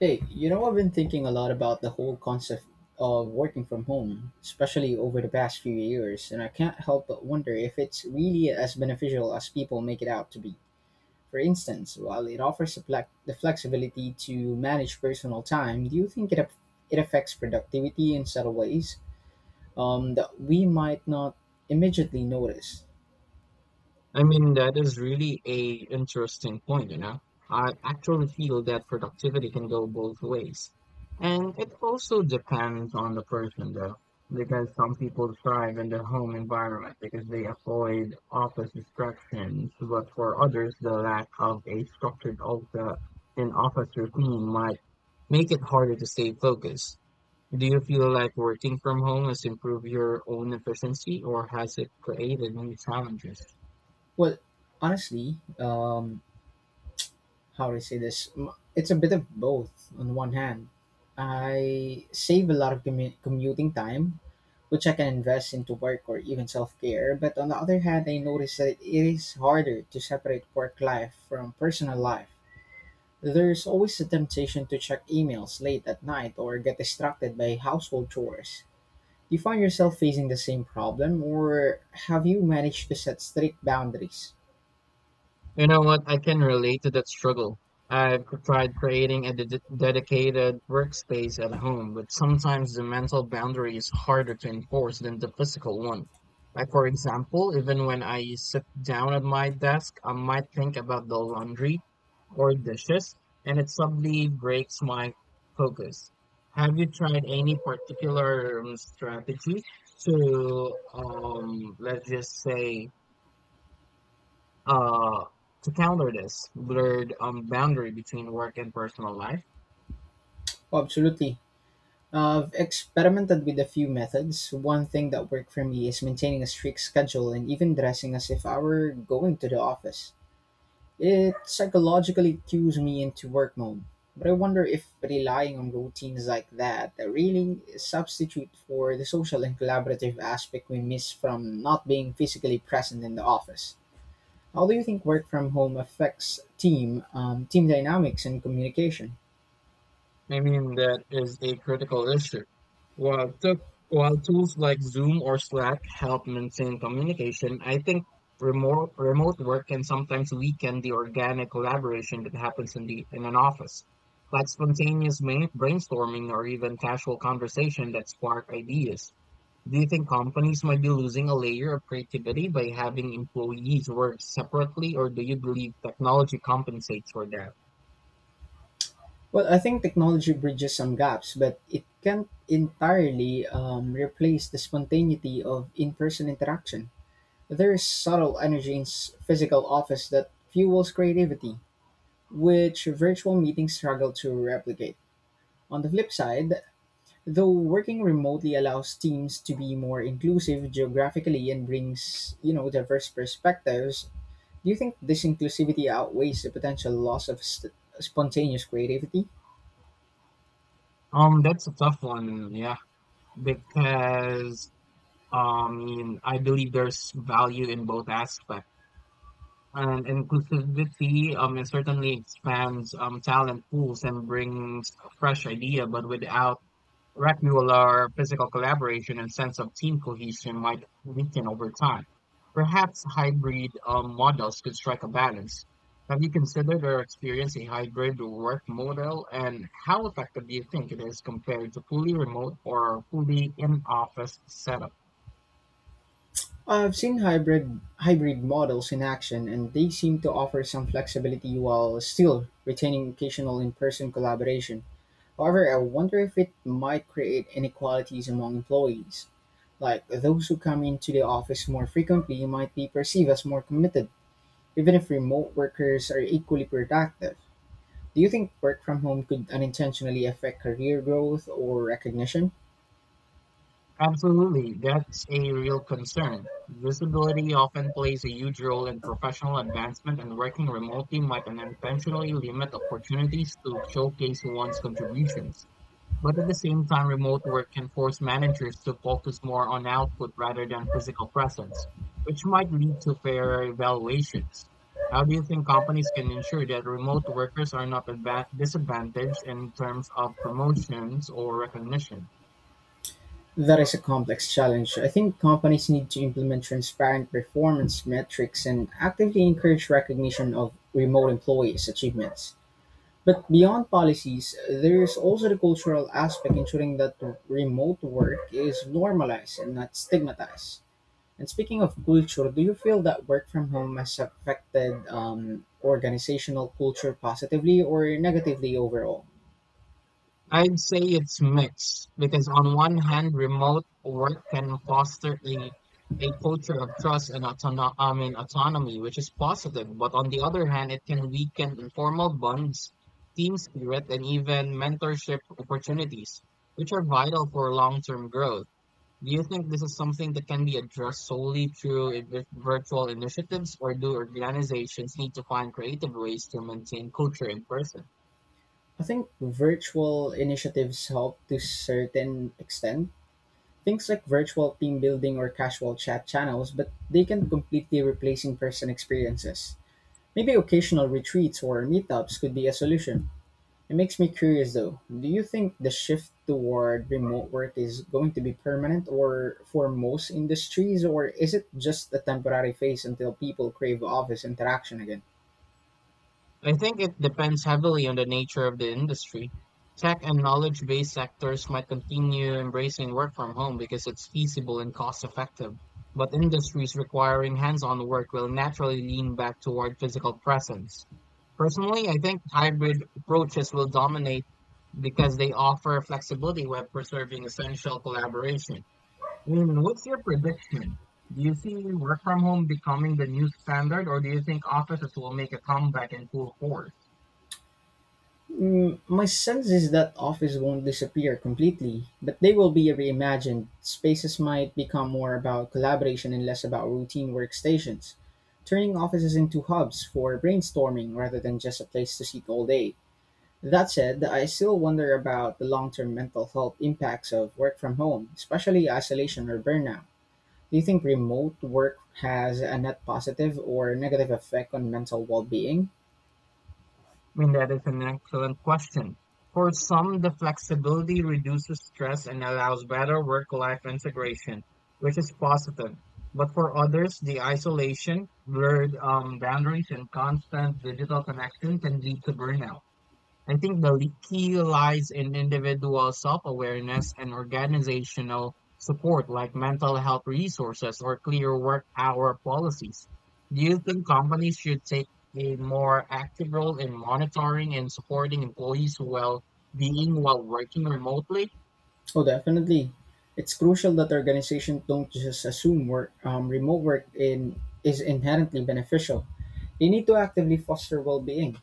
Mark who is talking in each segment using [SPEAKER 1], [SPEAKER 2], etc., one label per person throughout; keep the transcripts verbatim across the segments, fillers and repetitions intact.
[SPEAKER 1] Hey, you know, I've been thinking a lot about the whole concept of working from home, especially over the past few years, and I can't help but wonder if it's really as beneficial as people make it out to be. For instance, while it offers the flex- the flexibility to manage personal time, do you think it, aff- it affects productivity in subtle ways um, that we might not immediately notice?
[SPEAKER 2] I mean, that is really a interesting point, you know. I actually feel that productivity can go both ways. And it also depends on the person though, because some people thrive in their home environment because they avoid office distractions, but for others, the lack of a structured Ulta in office routine might make it harder to stay focused. Do you feel like working from home has improved your own efficiency or has it created new challenges?
[SPEAKER 1] Well, honestly, um, how do I say this? M- It's a bit of both. On one hand, I save a lot of commu- commuting time, which I can invest into work or even self care. But on the other hand, I notice that it is harder to separate work life from personal life. There's always a temptation to check emails late at night or get distracted by household chores. Do you find yourself facing the same problem, or have you managed to set strict boundaries?
[SPEAKER 2] You know what? I can relate to that struggle. I've tried creating a ded- dedicated workspace at home, but sometimes the mental boundary is harder to enforce than the physical one. Like, for example, even when I sit down at my desk, I might think about the laundry or dishes, and it suddenly breaks my focus. Have you tried any particular um, strategy to, um, let's just say, uh, to counter this blurred um, boundary between work and personal life.
[SPEAKER 1] Oh, absolutely. Uh, I've experimented with a few methods. One thing that worked for me is maintaining a strict schedule and even dressing as if I were going to the office. It psychologically cues me into work mode. But I wonder if relying on routines like that really substitute for the social and collaborative aspect we miss from not being physically present in the office. How do you think work from home affects team, um, team dynamics, and communication?
[SPEAKER 2] I mean, that is a critical issue. While, took while tools like Zoom or Slack help maintain communication, I think remote remote work can sometimes weaken the organic collaboration that happens in the in an office, like spontaneous main, brainstorming or even casual conversation that spark ideas. Do you think companies might be losing a layer of creativity by having employees work separately, or do you believe technology compensates for that?
[SPEAKER 1] Well, I think technology bridges some gaps, but it can't entirely um, replace the spontaneity of in person interaction. There is subtle energy in s- physical office that fuels creativity, which virtual meetings struggle to replicate. On the flip side, though working remotely allows teams to be more inclusive geographically and brings, you know, diverse perspectives, do you think this inclusivity outweighs the potential loss of st- spontaneous creativity?
[SPEAKER 2] Um, that's a tough one. Yeah. because I mean, I believe there's value in both aspects. And inclusivity um, it certainly expands um, talent pools and brings a fresh idea, but without regular physical collaboration and sense of team cohesion might weaken over time. Perhaps hybrid um, models could strike a balance. Have you considered or experienced a hybrid work model, and how effective do you think it is compared to fully remote or fully in-office setup?
[SPEAKER 1] I've seen hybrid hybrid models in action and they seem to offer some flexibility while still retaining occasional in-person collaboration. However, I wonder if it might create inequalities among employees. Like those who come into the office more frequently might be perceived as more committed, even if remote workers are equally productive. Do you think work from home could unintentionally affect career growth or recognition?
[SPEAKER 2] Absolutely, that's a real concern. Visibility often plays a huge role in professional advancement, and working remotely might unintentionally limit opportunities to showcase one's contributions. But at the same time, remote work can force managers to focus more on output rather than physical presence, which might lead to fairer evaluations. How do you think companies can ensure that remote workers are not adva- disadvantaged in terms of promotions or recognition?
[SPEAKER 1] That is a complex challenge. I think companies need to implement transparent performance metrics and actively encourage recognition of remote employees' achievements. But beyond policies, there is also the cultural aspect, ensuring that remote work is normalized and not stigmatized. And speaking of culture, do you feel that work from home has affected um, organizational culture positively or negatively overall?
[SPEAKER 2] I'd say it's mixed because on one hand, remote work can foster a a culture of trust and autono- I mean, autonomy, which is positive. But on the other hand, it can weaken informal bonds, team spirit, and even mentorship opportunities, which are vital for long-term growth. Do you think this is something that can be addressed solely through i- vir- virtual initiatives, or do organizations need to find creative ways to maintain culture in person?
[SPEAKER 1] I think virtual initiatives help to certain extent, things like virtual team building or casual chat channels, but they can completely replace in-person experiences. Maybe occasional retreats or meetups could be a solution. It makes me curious though. Do you think the shift toward remote work is going to be permanent or for most industries or is it just a temporary phase until people crave office interaction again?
[SPEAKER 2] I think it depends heavily on the nature of the industry. Tech and knowledge based sectors might continue embracing work from home because it's feasible and cost effective. But industries requiring hands on work will naturally lean back toward physical presence. Personally, I think hybrid approaches will dominate because they offer flexibility while preserving essential collaboration. And what's your prediction? Do you see work from home becoming the new standard, or do you think offices will make a comeback in full force?
[SPEAKER 1] Mm, my sense is that office won't disappear completely, but they will be reimagined. Spaces might become more about collaboration and less about routine workstations, turning offices into hubs for brainstorming rather than just a place to sit all day. That said, I still wonder about the long term mental health impacts of work from home, especially isolation or burnout. Do you think remote work has a net positive or negative effect on mental well being?
[SPEAKER 2] I mean, that is an excellent question. For some, the flexibility reduces stress and allows better work-life integration, which is positive. But for others, the isolation, blurred um, boundaries, and constant digital connection can lead to burnout. I think the li- key lies in individual self-awareness and organizational support like mental health resources or clear work hour policies. Do you think companies should take a more active role in monitoring and supporting employees' well-being while working remotely?
[SPEAKER 1] Oh, definitely. It's crucial that organizations don't just assume work. Um, remote work in, is inherently beneficial. They need to actively foster well-being.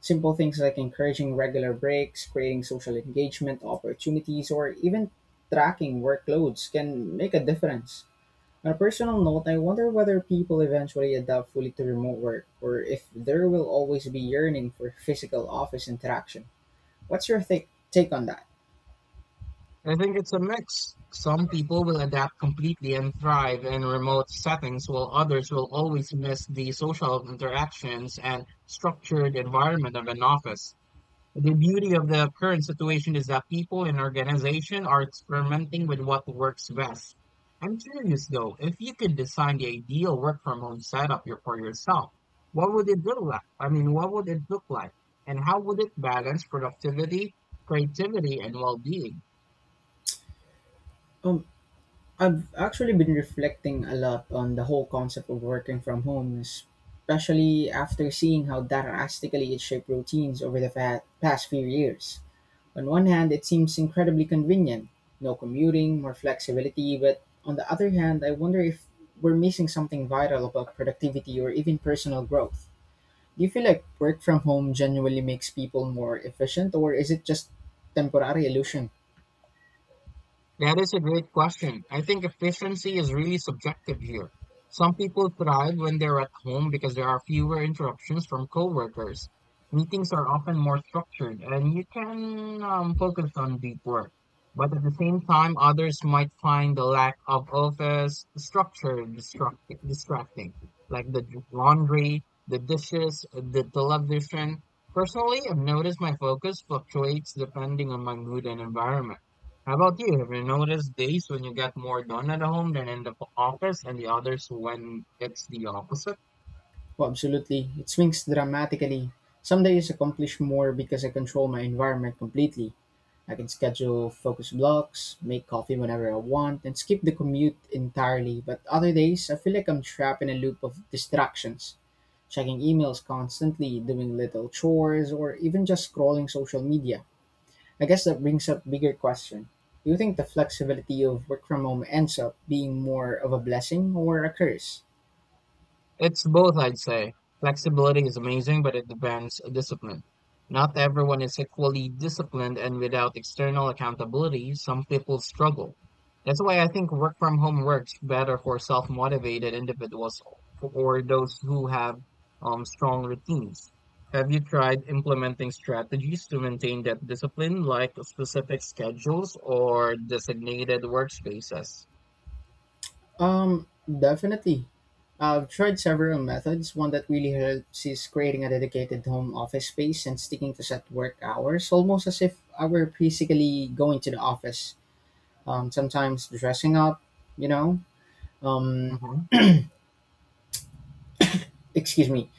[SPEAKER 1] Simple things like encouraging regular breaks, creating social engagement opportunities, or even tracking workloads can make a difference. On a personal note, I wonder whether people eventually adapt fully to remote work, or if there will always be yearning for physical office interaction. What's your th- take on that?
[SPEAKER 2] I think it's a mix. Some people will adapt completely and thrive in remote settings, while others will always miss the social interactions and structured environment of an office. The beauty of the current situation is that people and organizations are experimenting with what works best. I'm curious though, if you could design the ideal work from home setup your- for yourself, what would it look like? I mean, what would it look like? And how would it balance productivity, creativity, and well-being?
[SPEAKER 1] Um, I've actually been reflecting a lot on the whole concept of working from home, especially after seeing how drastically it shaped routines over the fa- past few years. On one hand, it seems incredibly convenient no commuting, more flexibility, but on the other hand, I wonder if we're missing something vital about productivity or even personal growth. Do you feel like work from home genuinely makes people more efficient, or is it just temporary illusion?
[SPEAKER 2] That is a great question. I think efficiency is really subjective here. Some people thrive when they're at home because there are fewer interruptions from coworkers. Meetings are often more structured and you can um, focus on deep work. But at the same time, others might find the lack of office structure distracti- distracting, like the laundry, the dishes, the television. Personally, I've noticed my focus fluctuates depending on my mood and environment. How about you? Have you noticed days when you get more done at home than in the office, and the others when it's the opposite?
[SPEAKER 1] Oh, absolutely. It swings dramatically. Some days accomplish more because I control my environment completely. I can schedule focus blocks, make coffee whenever I want, and skip the commute entirely. But other days, I feel like I'm trapped in a loop of distractions, checking emails constantly, doing little chores, or even just scrolling social media. I guess that brings up bigger question. Do you think the flexibility of work from home ends up being more of a blessing or a curse?
[SPEAKER 2] It's both, I'd say. Flexibility is amazing, but it demands discipline. Not everyone is equally disciplined, and without external accountability, some people struggle. That's why I think work from home works better for self-motivated individuals or those who have um, strong routines. Have you tried implementing strategies to maintain that discipline, like specific schedules or designated workspaces?
[SPEAKER 1] Um, definitely. I've tried several methods. One that really helps is creating a dedicated home office space and sticking to set work hours, almost as if I were physically going to the office. Um, sometimes dressing up, you know. Um,
[SPEAKER 2] Mhm.
[SPEAKER 1] Excuse me.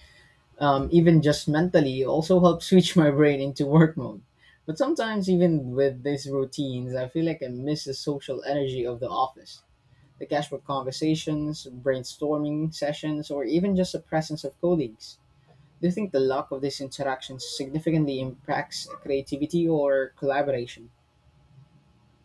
[SPEAKER 1] Um, even just mentally also helps switch my brain into work mode. But sometimes, even with these routines, I feel like I miss the social energy of the office. The cash for conversations, brainstorming sessions, or even just the presence of colleagues. Do you think the lack of these interactions significantly impacts creativity or collaboration?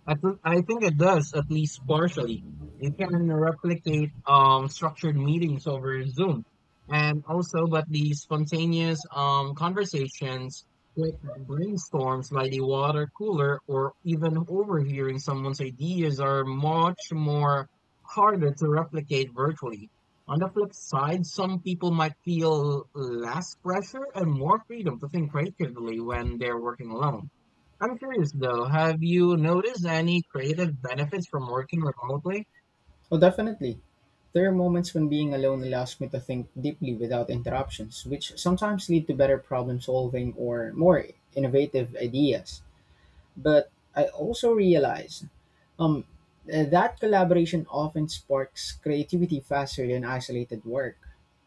[SPEAKER 2] I think I think it does, at least partially. It can replicate um structured meetings over Zoom, and also, but the spontaneous um conversations, quick brainstorms by the water cooler, or even overhearing someone's ideas are much more harder to replicate virtually. On the flip side, some people might feel less pressure and more freedom to think creatively when they're working alone. I'm curious though, have you noticed any creative benefits from working remotely?
[SPEAKER 1] Oh, definitely. There are moments when being alone allows me to think deeply without interruptions, which sometimes lead to better problem solving or more innovative ideas. But I also realize Um, uh, that collaboration often sparks creativity faster than isolated work.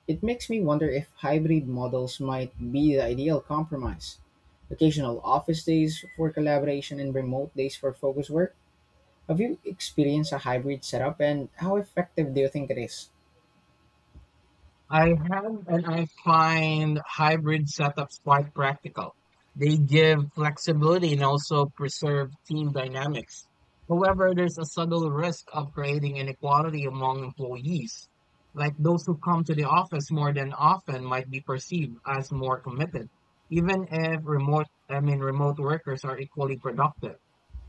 [SPEAKER 1] It makes me wonder if hybrid models might be the ideal compromise. Occasional office days for collaboration and remote days for focus work. Have you experienced a hybrid setup and how effective do you think it is?
[SPEAKER 2] I have, and I find hybrid setups quite practical. They give flexibility and also preserve team dynamics. However, there's a subtle risk of creating inequality among employees. Like those who come to the office more than often might be perceived as more committed, even if remote, I mean, remote workers are equally productive.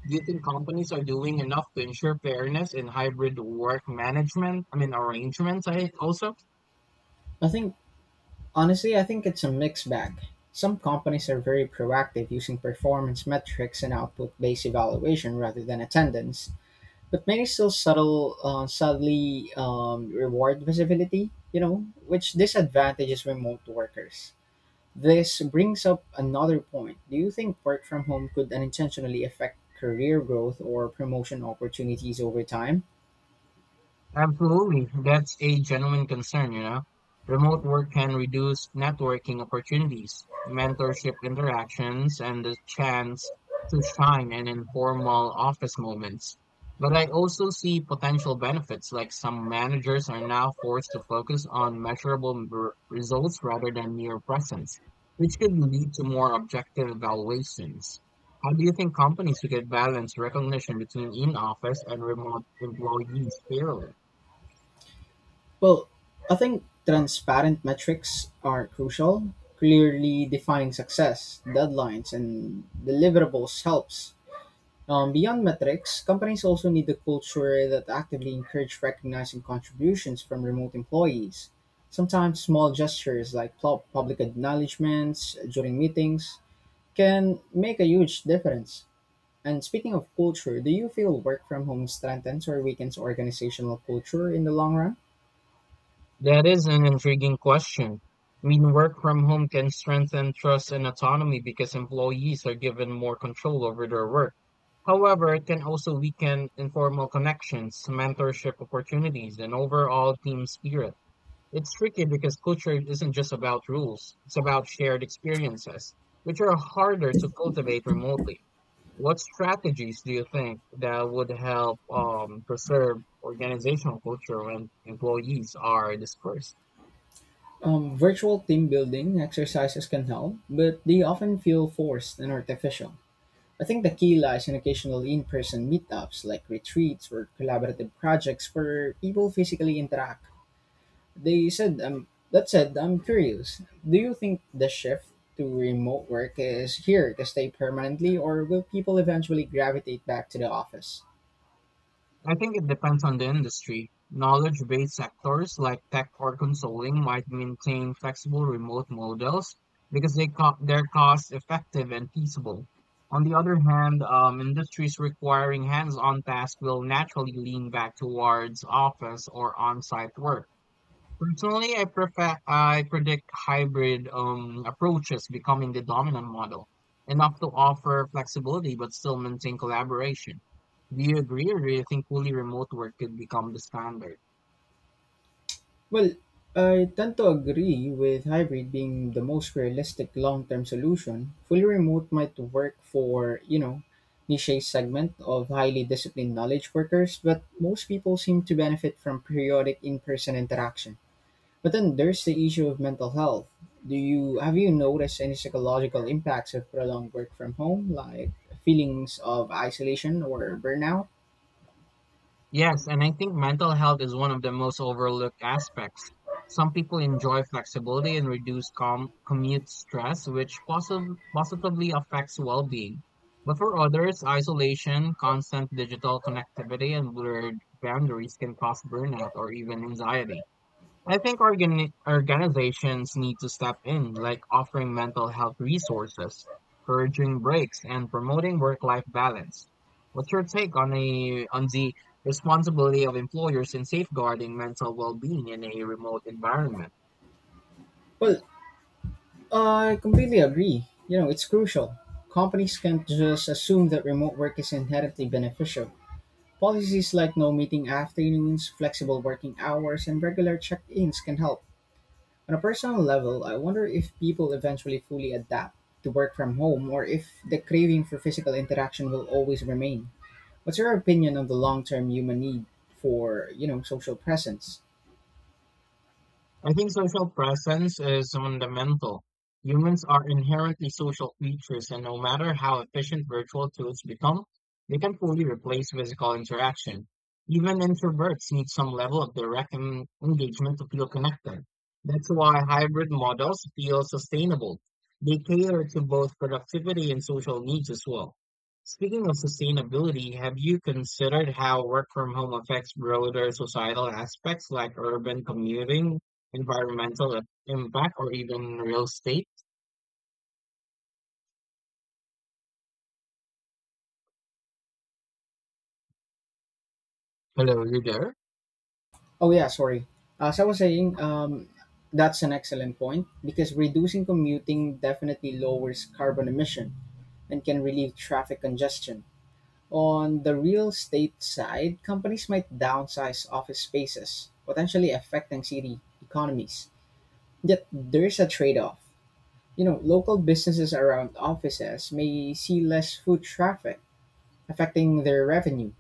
[SPEAKER 2] Do you think companies are doing enough to ensure fairness in hybrid work management? I mean, arrangements, I also?
[SPEAKER 1] I think, honestly, I think it's a mixed bag. Some companies are very proactive using performance metrics and output based evaluation rather than attendance. But many still subtle, uh, sadly, um, reward visibility, you know, which disadvantages remote workers. This brings up another point. Do you think work from home could unintentionally affect career growth or promotion opportunities over time?
[SPEAKER 2] Absolutely. That's a genuine concern, you know. Remote work can reduce networking opportunities, mentorship interactions, and the chance to shine in informal office moments. But I also see potential benefits, like some managers are now forced to focus on measurable r- results rather than mere presence, which could lead to more objective evaluations. How do you think companies could balance recognition between in-office and remote employees fairly?
[SPEAKER 1] Well, I think transparent metrics are crucial. Clearly defining success, deadlines, and deliverables helps. Um, beyond metrics, companies also need a culture that actively encourage recognizing contributions from remote employees. Sometimes small gestures like pub- public acknowledgments during meetings can make a huge difference. And speaking of culture, do you feel work from home strengthens or weakens organizational culture in the long run?
[SPEAKER 2] That is an intriguing question. I mean, work from home can strengthen trust and autonomy because employees are given more control over their work. However, it can also weaken informal connections, mentorship opportunities, and overall team spirit. It's tricky because culture isn't just about rules, it's about shared experiences, which are harder to cultivate remotely. What strategies do you think that would help um, preserve organizational culture when employees are dispersed?
[SPEAKER 1] Um, virtual team building exercises can help, but they often feel forced and artificial. I think the key lies in occasional in person meetups like retreats or collaborative projects where people physically interact. They said, um, that said, I'm curious. Do you think the shift to remote work is here to stay permanently, or will people eventually gravitate back to the office?
[SPEAKER 2] I think it depends on the industry. Knowledge-based sectors like tech or consulting might maintain flexible remote models because they co- they're cost-effective and feasible. On the other hand, um, industries requiring hands-on tasks will naturally lean back towards office or on-site work. Personally, I prefer I predict hybrid um, approaches becoming the dominant model, enough to offer flexibility but still maintain collaboration. Do you agree, or do you think fully remote work could become the standard?
[SPEAKER 1] Well, I tend to agree with hybrid being the most realistic long-term solution. Fully remote might work for, you know, niche segment of highly disciplined knowledge workers, but most people seem to benefit from periodic in-person interaction. But then there's the issue of mental health. Do you have you noticed any psychological impacts of prolonged work from home, like feelings of isolation or burnout?
[SPEAKER 2] Yes, and I think mental health is one of the most overlooked aspects. Some people enjoy flexibility and reduce com commute stress, which possi- positively affects well-being. But for others, isolation, constant digital connectivity, and blurred boundaries can cause burnout or even anxiety. I think organi- organizations need to step in, like offering mental health resources, encouraging breaks, and promoting work-life balance. What's your take on a on the responsibility of employers in safeguarding mental well-being in a remote environment?
[SPEAKER 1] Well, I completely agree. You know, it's crucial. Companies can't just assume that remote work is inherently beneficial. Policies like no meeting afternoons, flexible working hours, and regular check ins can help. On a personal level, I wonder if people eventually fully adapt to work from home or if the craving for physical interaction will always remain. What's your opinion on the long term human need for, you know, social presence?
[SPEAKER 2] I think social presence is fundamental. Humans are inherently social creatures, and no matter how efficient virtual tools become, they can fully replace physical interaction. Even introverts need some level of direct en- engagement to feel connected. That's why hybrid models feel sustainable. They cater to both productivity and social needs as well. Speaking of sustainability, have you considered how work from home affects broader societal aspects like urban commuting, environmental impact, or even real estate. Hello, you there?
[SPEAKER 1] Oh yeah, sorry. As I was saying, um, that's an excellent point because reducing commuting definitely lowers carbon emission and can relieve traffic congestion. On the real estate side, companies might downsize office spaces, potentially affecting city economies. Yet there's a trade-off. You know, local businesses around offices may see less foot traffic, affecting their revenue.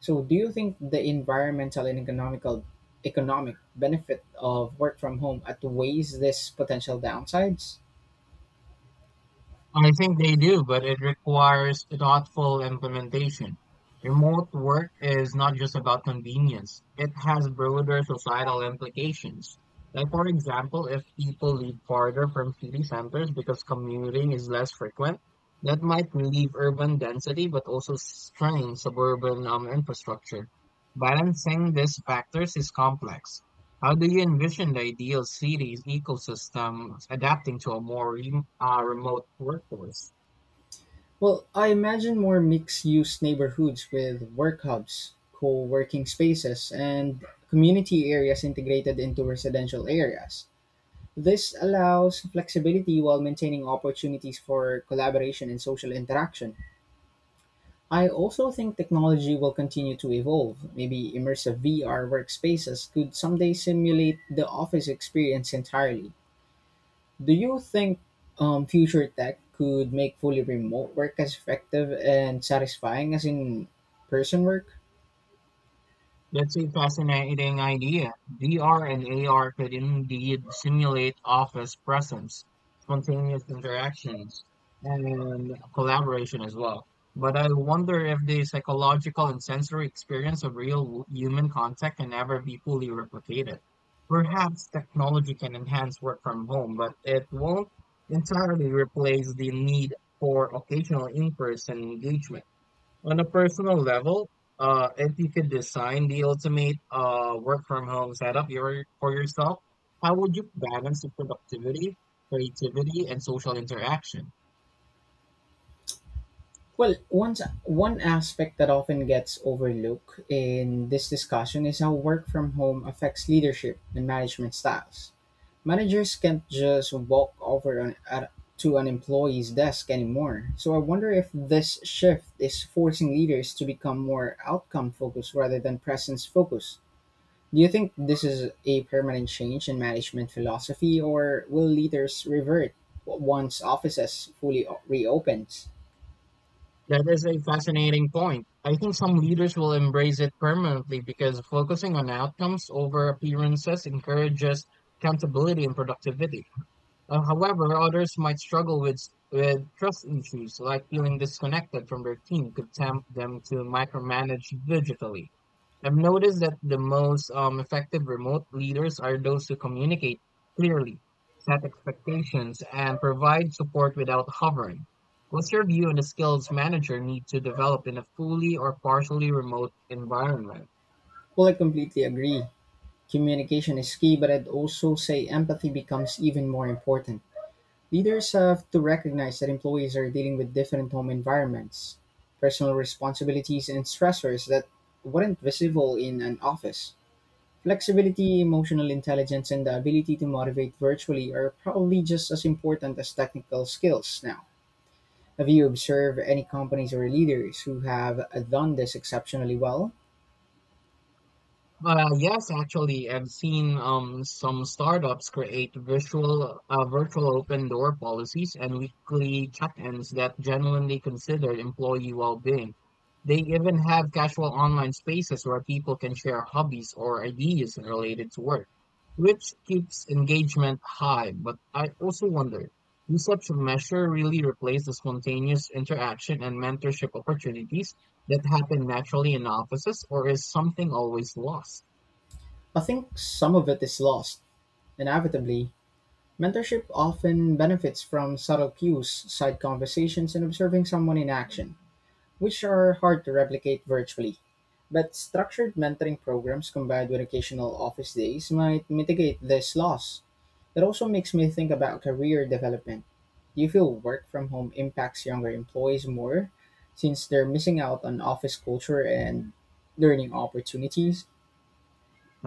[SPEAKER 1] So, do you think the environmental and economical economic benefit of work from home outweighs this potential downsides?
[SPEAKER 2] I think they do, but it requires thoughtful implementation. Remote work is not just about convenience, it has broader societal implications. Like, for example, if people live farther from city centers because commuting is less frequent, that might relieve urban density but also strain suburban um, infrastructure. Balancing these factors is complex. How do you envision the ideal city's ecosystem adapting to a more rem uh, remote workforce?
[SPEAKER 1] Well, I imagine more mixed-use neighborhoods with work hubs, co-working spaces, and community areas integrated into residential areas. This allows flexibility while maintaining opportunities for collaboration and social interaction. I also think technology will continue to evolve. Maybe immersive V R workspaces could someday simulate the office experience entirely. Do you think um, future tech could make fully remote work as effective and satisfying as in person work?
[SPEAKER 2] That's a fascinating idea. V R and A R could indeed simulate office presence, spontaneous interactions, and collaboration as well. But I wonder if the psychological and sensory experience of real w- human contact can ever be fully replicated. Perhaps technology can enhance work from home, but it won't entirely replace the need for occasional in-person engagement on a personal level. Uh, if you could design the ultimate uh, work from home setup your, for yourself, how would you balance the productivity, creativity, and social interaction?
[SPEAKER 1] Well, one, one aspect that often gets overlooked in this discussion is how work from home affects leadership and management styles. Managers can't just walk over an, at, to an employee's desk anymore. So I wonder if this shift is forcing leaders to become more outcome focused rather than presence focused. Do you think this is a permanent change in management philosophy or will leaders revert once offices fully o- reopens?
[SPEAKER 2] That is a fascinating point. I think some leaders will embrace it permanently because focusing on outcomes over appearances encourages accountability and productivity. Uh, however, others might struggle with with trust issues like feeling disconnected from their team could tempt them to micromanage digitally. I've noticed that the most um, effective remote leaders are those who communicate clearly, set expectations, and provide support without hovering. What's your view on the skills manager need to develop in a fully or partially remote environment?
[SPEAKER 1] Well, I completely agree. Communication is key, but I'd also say empathy becomes even more important. Leaders have to recognize that employees are dealing with different home environments, personal responsibilities, and stressors that weren't visible in an office. Flexibility, emotional intelligence, and the ability to motivate virtually are probably just as important as technical skills now. Have you observed any companies or leaders who have done this exceptionally well?
[SPEAKER 2] Uh, yes, actually, I've seen um some startups create virtual uh, virtual open door policies and weekly check-ins that genuinely consider employee well-being. They even have casual online spaces where people can share hobbies or ideas related to work, which keeps engagement high. But I also wonder, do such a measure really replace the spontaneous interaction and mentorship opportunities that happen naturally in offices, or is something always lost?
[SPEAKER 1] I think some of it is lost. Inevitably, mentorship often benefits from subtle cues, side conversations, and observing someone in action, which are hard to replicate virtually. But structured mentoring programs combined with occasional office days might mitigate this loss. It also makes me think about career development. Do you feel work from home impacts younger employees more since they're missing out on office culture and learning opportunities?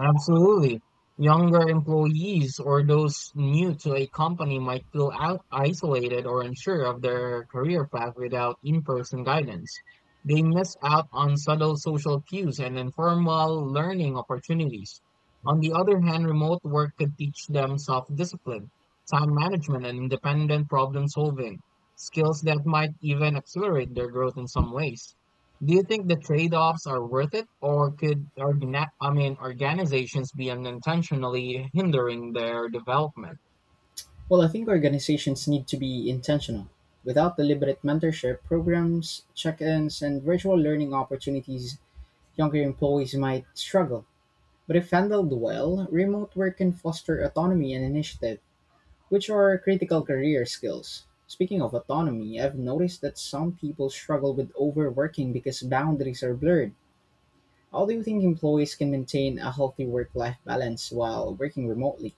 [SPEAKER 2] Absolutely. Younger employees or those new to a company might feel out isolated or unsure of their career path without in-person guidance. They miss out on subtle social cues and informal learning opportunities. On the other hand, remote work could teach them self-discipline, time management, and independent problem solving, skills that might even accelerate their growth in some ways. Do you think the trade-offs are worth it, or could organa- I mean organizations be unintentionally hindering their development?
[SPEAKER 1] Well, I think organizations need to be intentional. Without deliberate mentorship programs, check ins, and virtual learning opportunities, younger employees might struggle. But if handled well, remote work can foster autonomy and initiative, which are critical career skills. Speaking of autonomy, I've noticed that some people struggle with overworking because boundaries are blurred. How do you think employees can maintain a healthy work life balance while working remotely?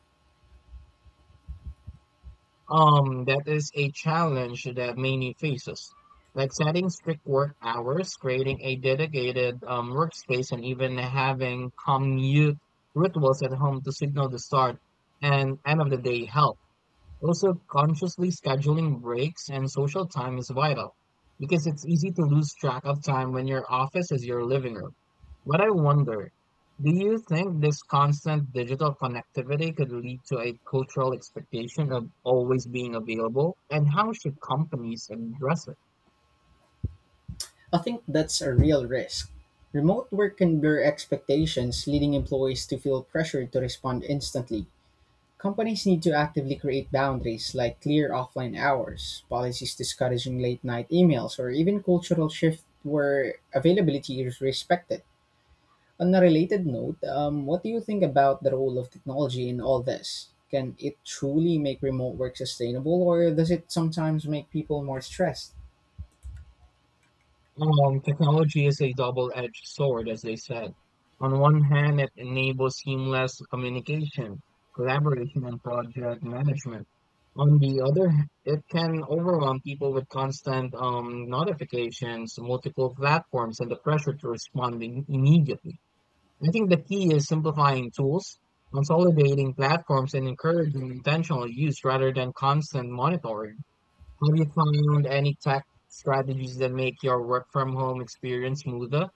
[SPEAKER 2] Um, that is a challenge that many faces, like setting strict work hours, creating a dedicated um, workspace, and even having commute rituals at home to signal the start and end of the day help. Also, consciously scheduling breaks and social time is vital because it's easy to lose track of time when your office is your living room. But I wonder, do you think this constant digital connectivity could lead to a cultural expectation of always being available? And how should companies address it?
[SPEAKER 1] I think that's a real risk. Remote work can blur expectations, leading employees to feel pressured to respond instantly. Companies need to actively create boundaries like clear offline hours, policies discouraging late night emails, or even cultural shift where availability is respected. On a related note, um, what do you think about the role of technology in all this? Can it truly make remote work sustainable, or does it sometimes make people more stressed?
[SPEAKER 2] Um, technology is a double-edged sword, as they said. On one hand, it enables seamless communication, collaboration, and project management. On the other, h- it can overwhelm people with constant um, notifications, multiple platforms, and the pressure to respond im- immediately. I think the key is simplifying tools, consolidating platforms, and encouraging intentional use rather than constant monitoring. Have you found any tech strategies that make your work from home experience smoother?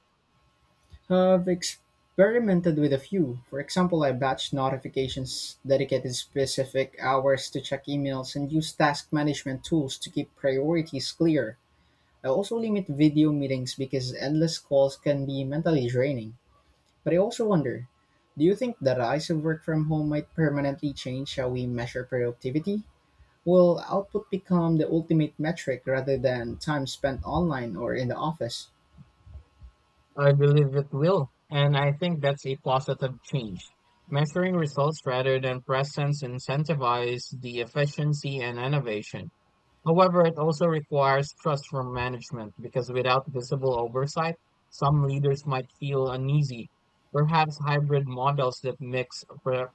[SPEAKER 1] I've experimented with a few. For example, I batched notifications, dedicated specific hours to check emails, and use task management tools to keep priorities clear. I also limit video meetings because endless calls can be mentally draining. But I also wonder, do you think the rise of work from home might permanently change how we measure productivity? Will output become the ultimate metric rather than time spent online or in the office?
[SPEAKER 2] I believe it will, and I think that's a positive change. Measuring results rather than presence incentivize the efficiency and innovation. However, it also requires trust from management because without visible oversight, some leaders might feel uneasy. Perhaps hybrid models that mix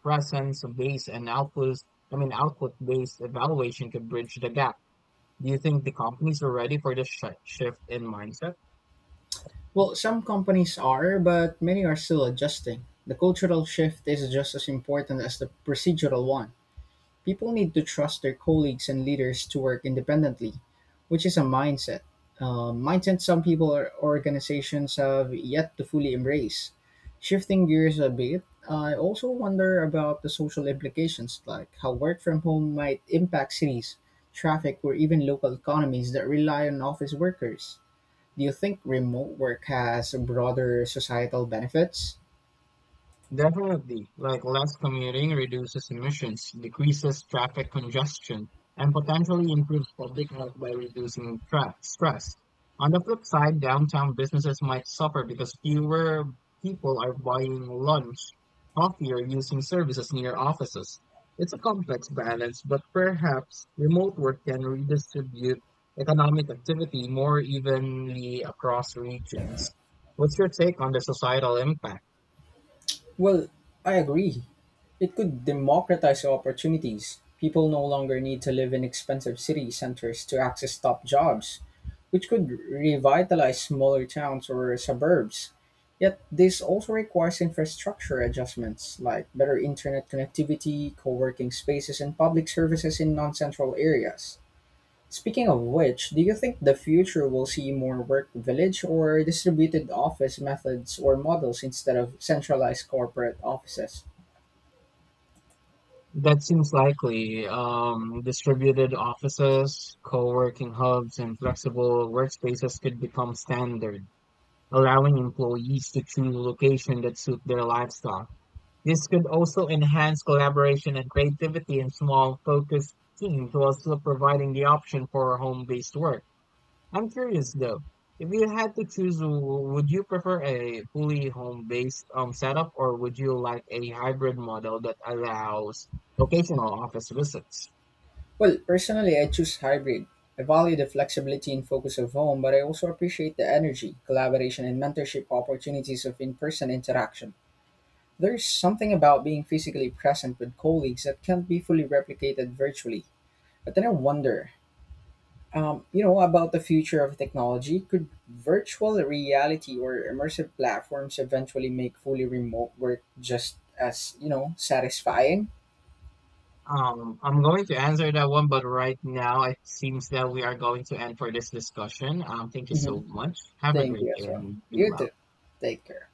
[SPEAKER 2] presence based and output, I mean output based evaluation could bridge the gap. Do you think the companies were ready for this shi shift in mindset?
[SPEAKER 1] Well, some companies are, but many are still adjusting. The cultural shift is just as important as the procedural one. People need to trust their colleagues and leaders to work independently, which is a mindset. Uh, mindset some people or organizations have yet to fully embrace. Shifting gears a bit, I also wonder about the social implications, like how work from home might impact cities, traffic, or even local economies that rely on office workers. Do you think remote work has broader societal benefits?
[SPEAKER 2] Definitely, like less commuting reduces emissions, decreases traffic congestion, and potentially improves public health by reducing tra- stress. On the flip side, downtown businesses might suffer because fewer people are buying lunch, coffee, or using services near offices. It's a complex balance, but perhaps remote work can redistribute economic activity more evenly across regions. What's your take on the societal impact?
[SPEAKER 1] Well, I agree. It could democratize opportunities. People no longer need to live in expensive city centers to access top jobs, which could revitalize smaller towns or suburbs. Yet, this also requires infrastructure adjustments like better internet connectivity, co working spaces, and public services in non central areas. Speaking of which, do you think the future will see more work village or distributed office methods or models instead of centralized corporate offices?
[SPEAKER 2] That seems likely. Um, distributed offices, co-working hubs, and flexible workspaces could become standard, allowing employees to choose location that suit their lifestyle. This could also enhance collaboration and creativity in small, focused teams while still providing the option for home-based work. I'm curious though. If you had to choose, w- would you prefer a fully home-based um setup, or would you like a hybrid model that allows occasional office visits?
[SPEAKER 1] Well, personally, I choose hybrid. I value the flexibility and focus of home, but I also appreciate the energy, collaboration, and mentorship opportunities of in person interaction. There's something about being physically present with colleagues that can't be fully replicated virtually. But then I wonder, um, you know about the future of technology, could virtual reality or immersive platforms eventually make fully remote work just as you know satisfying?
[SPEAKER 2] Um, I'm going to answer that one, but right now it seems that we are going to end for this discussion. Um, thank you
[SPEAKER 1] Hmm.
[SPEAKER 2] so much. Have a
[SPEAKER 1] Thank
[SPEAKER 2] great
[SPEAKER 1] you as
[SPEAKER 2] day
[SPEAKER 1] well.
[SPEAKER 2] and be
[SPEAKER 1] You
[SPEAKER 2] well.
[SPEAKER 1] too. Take care.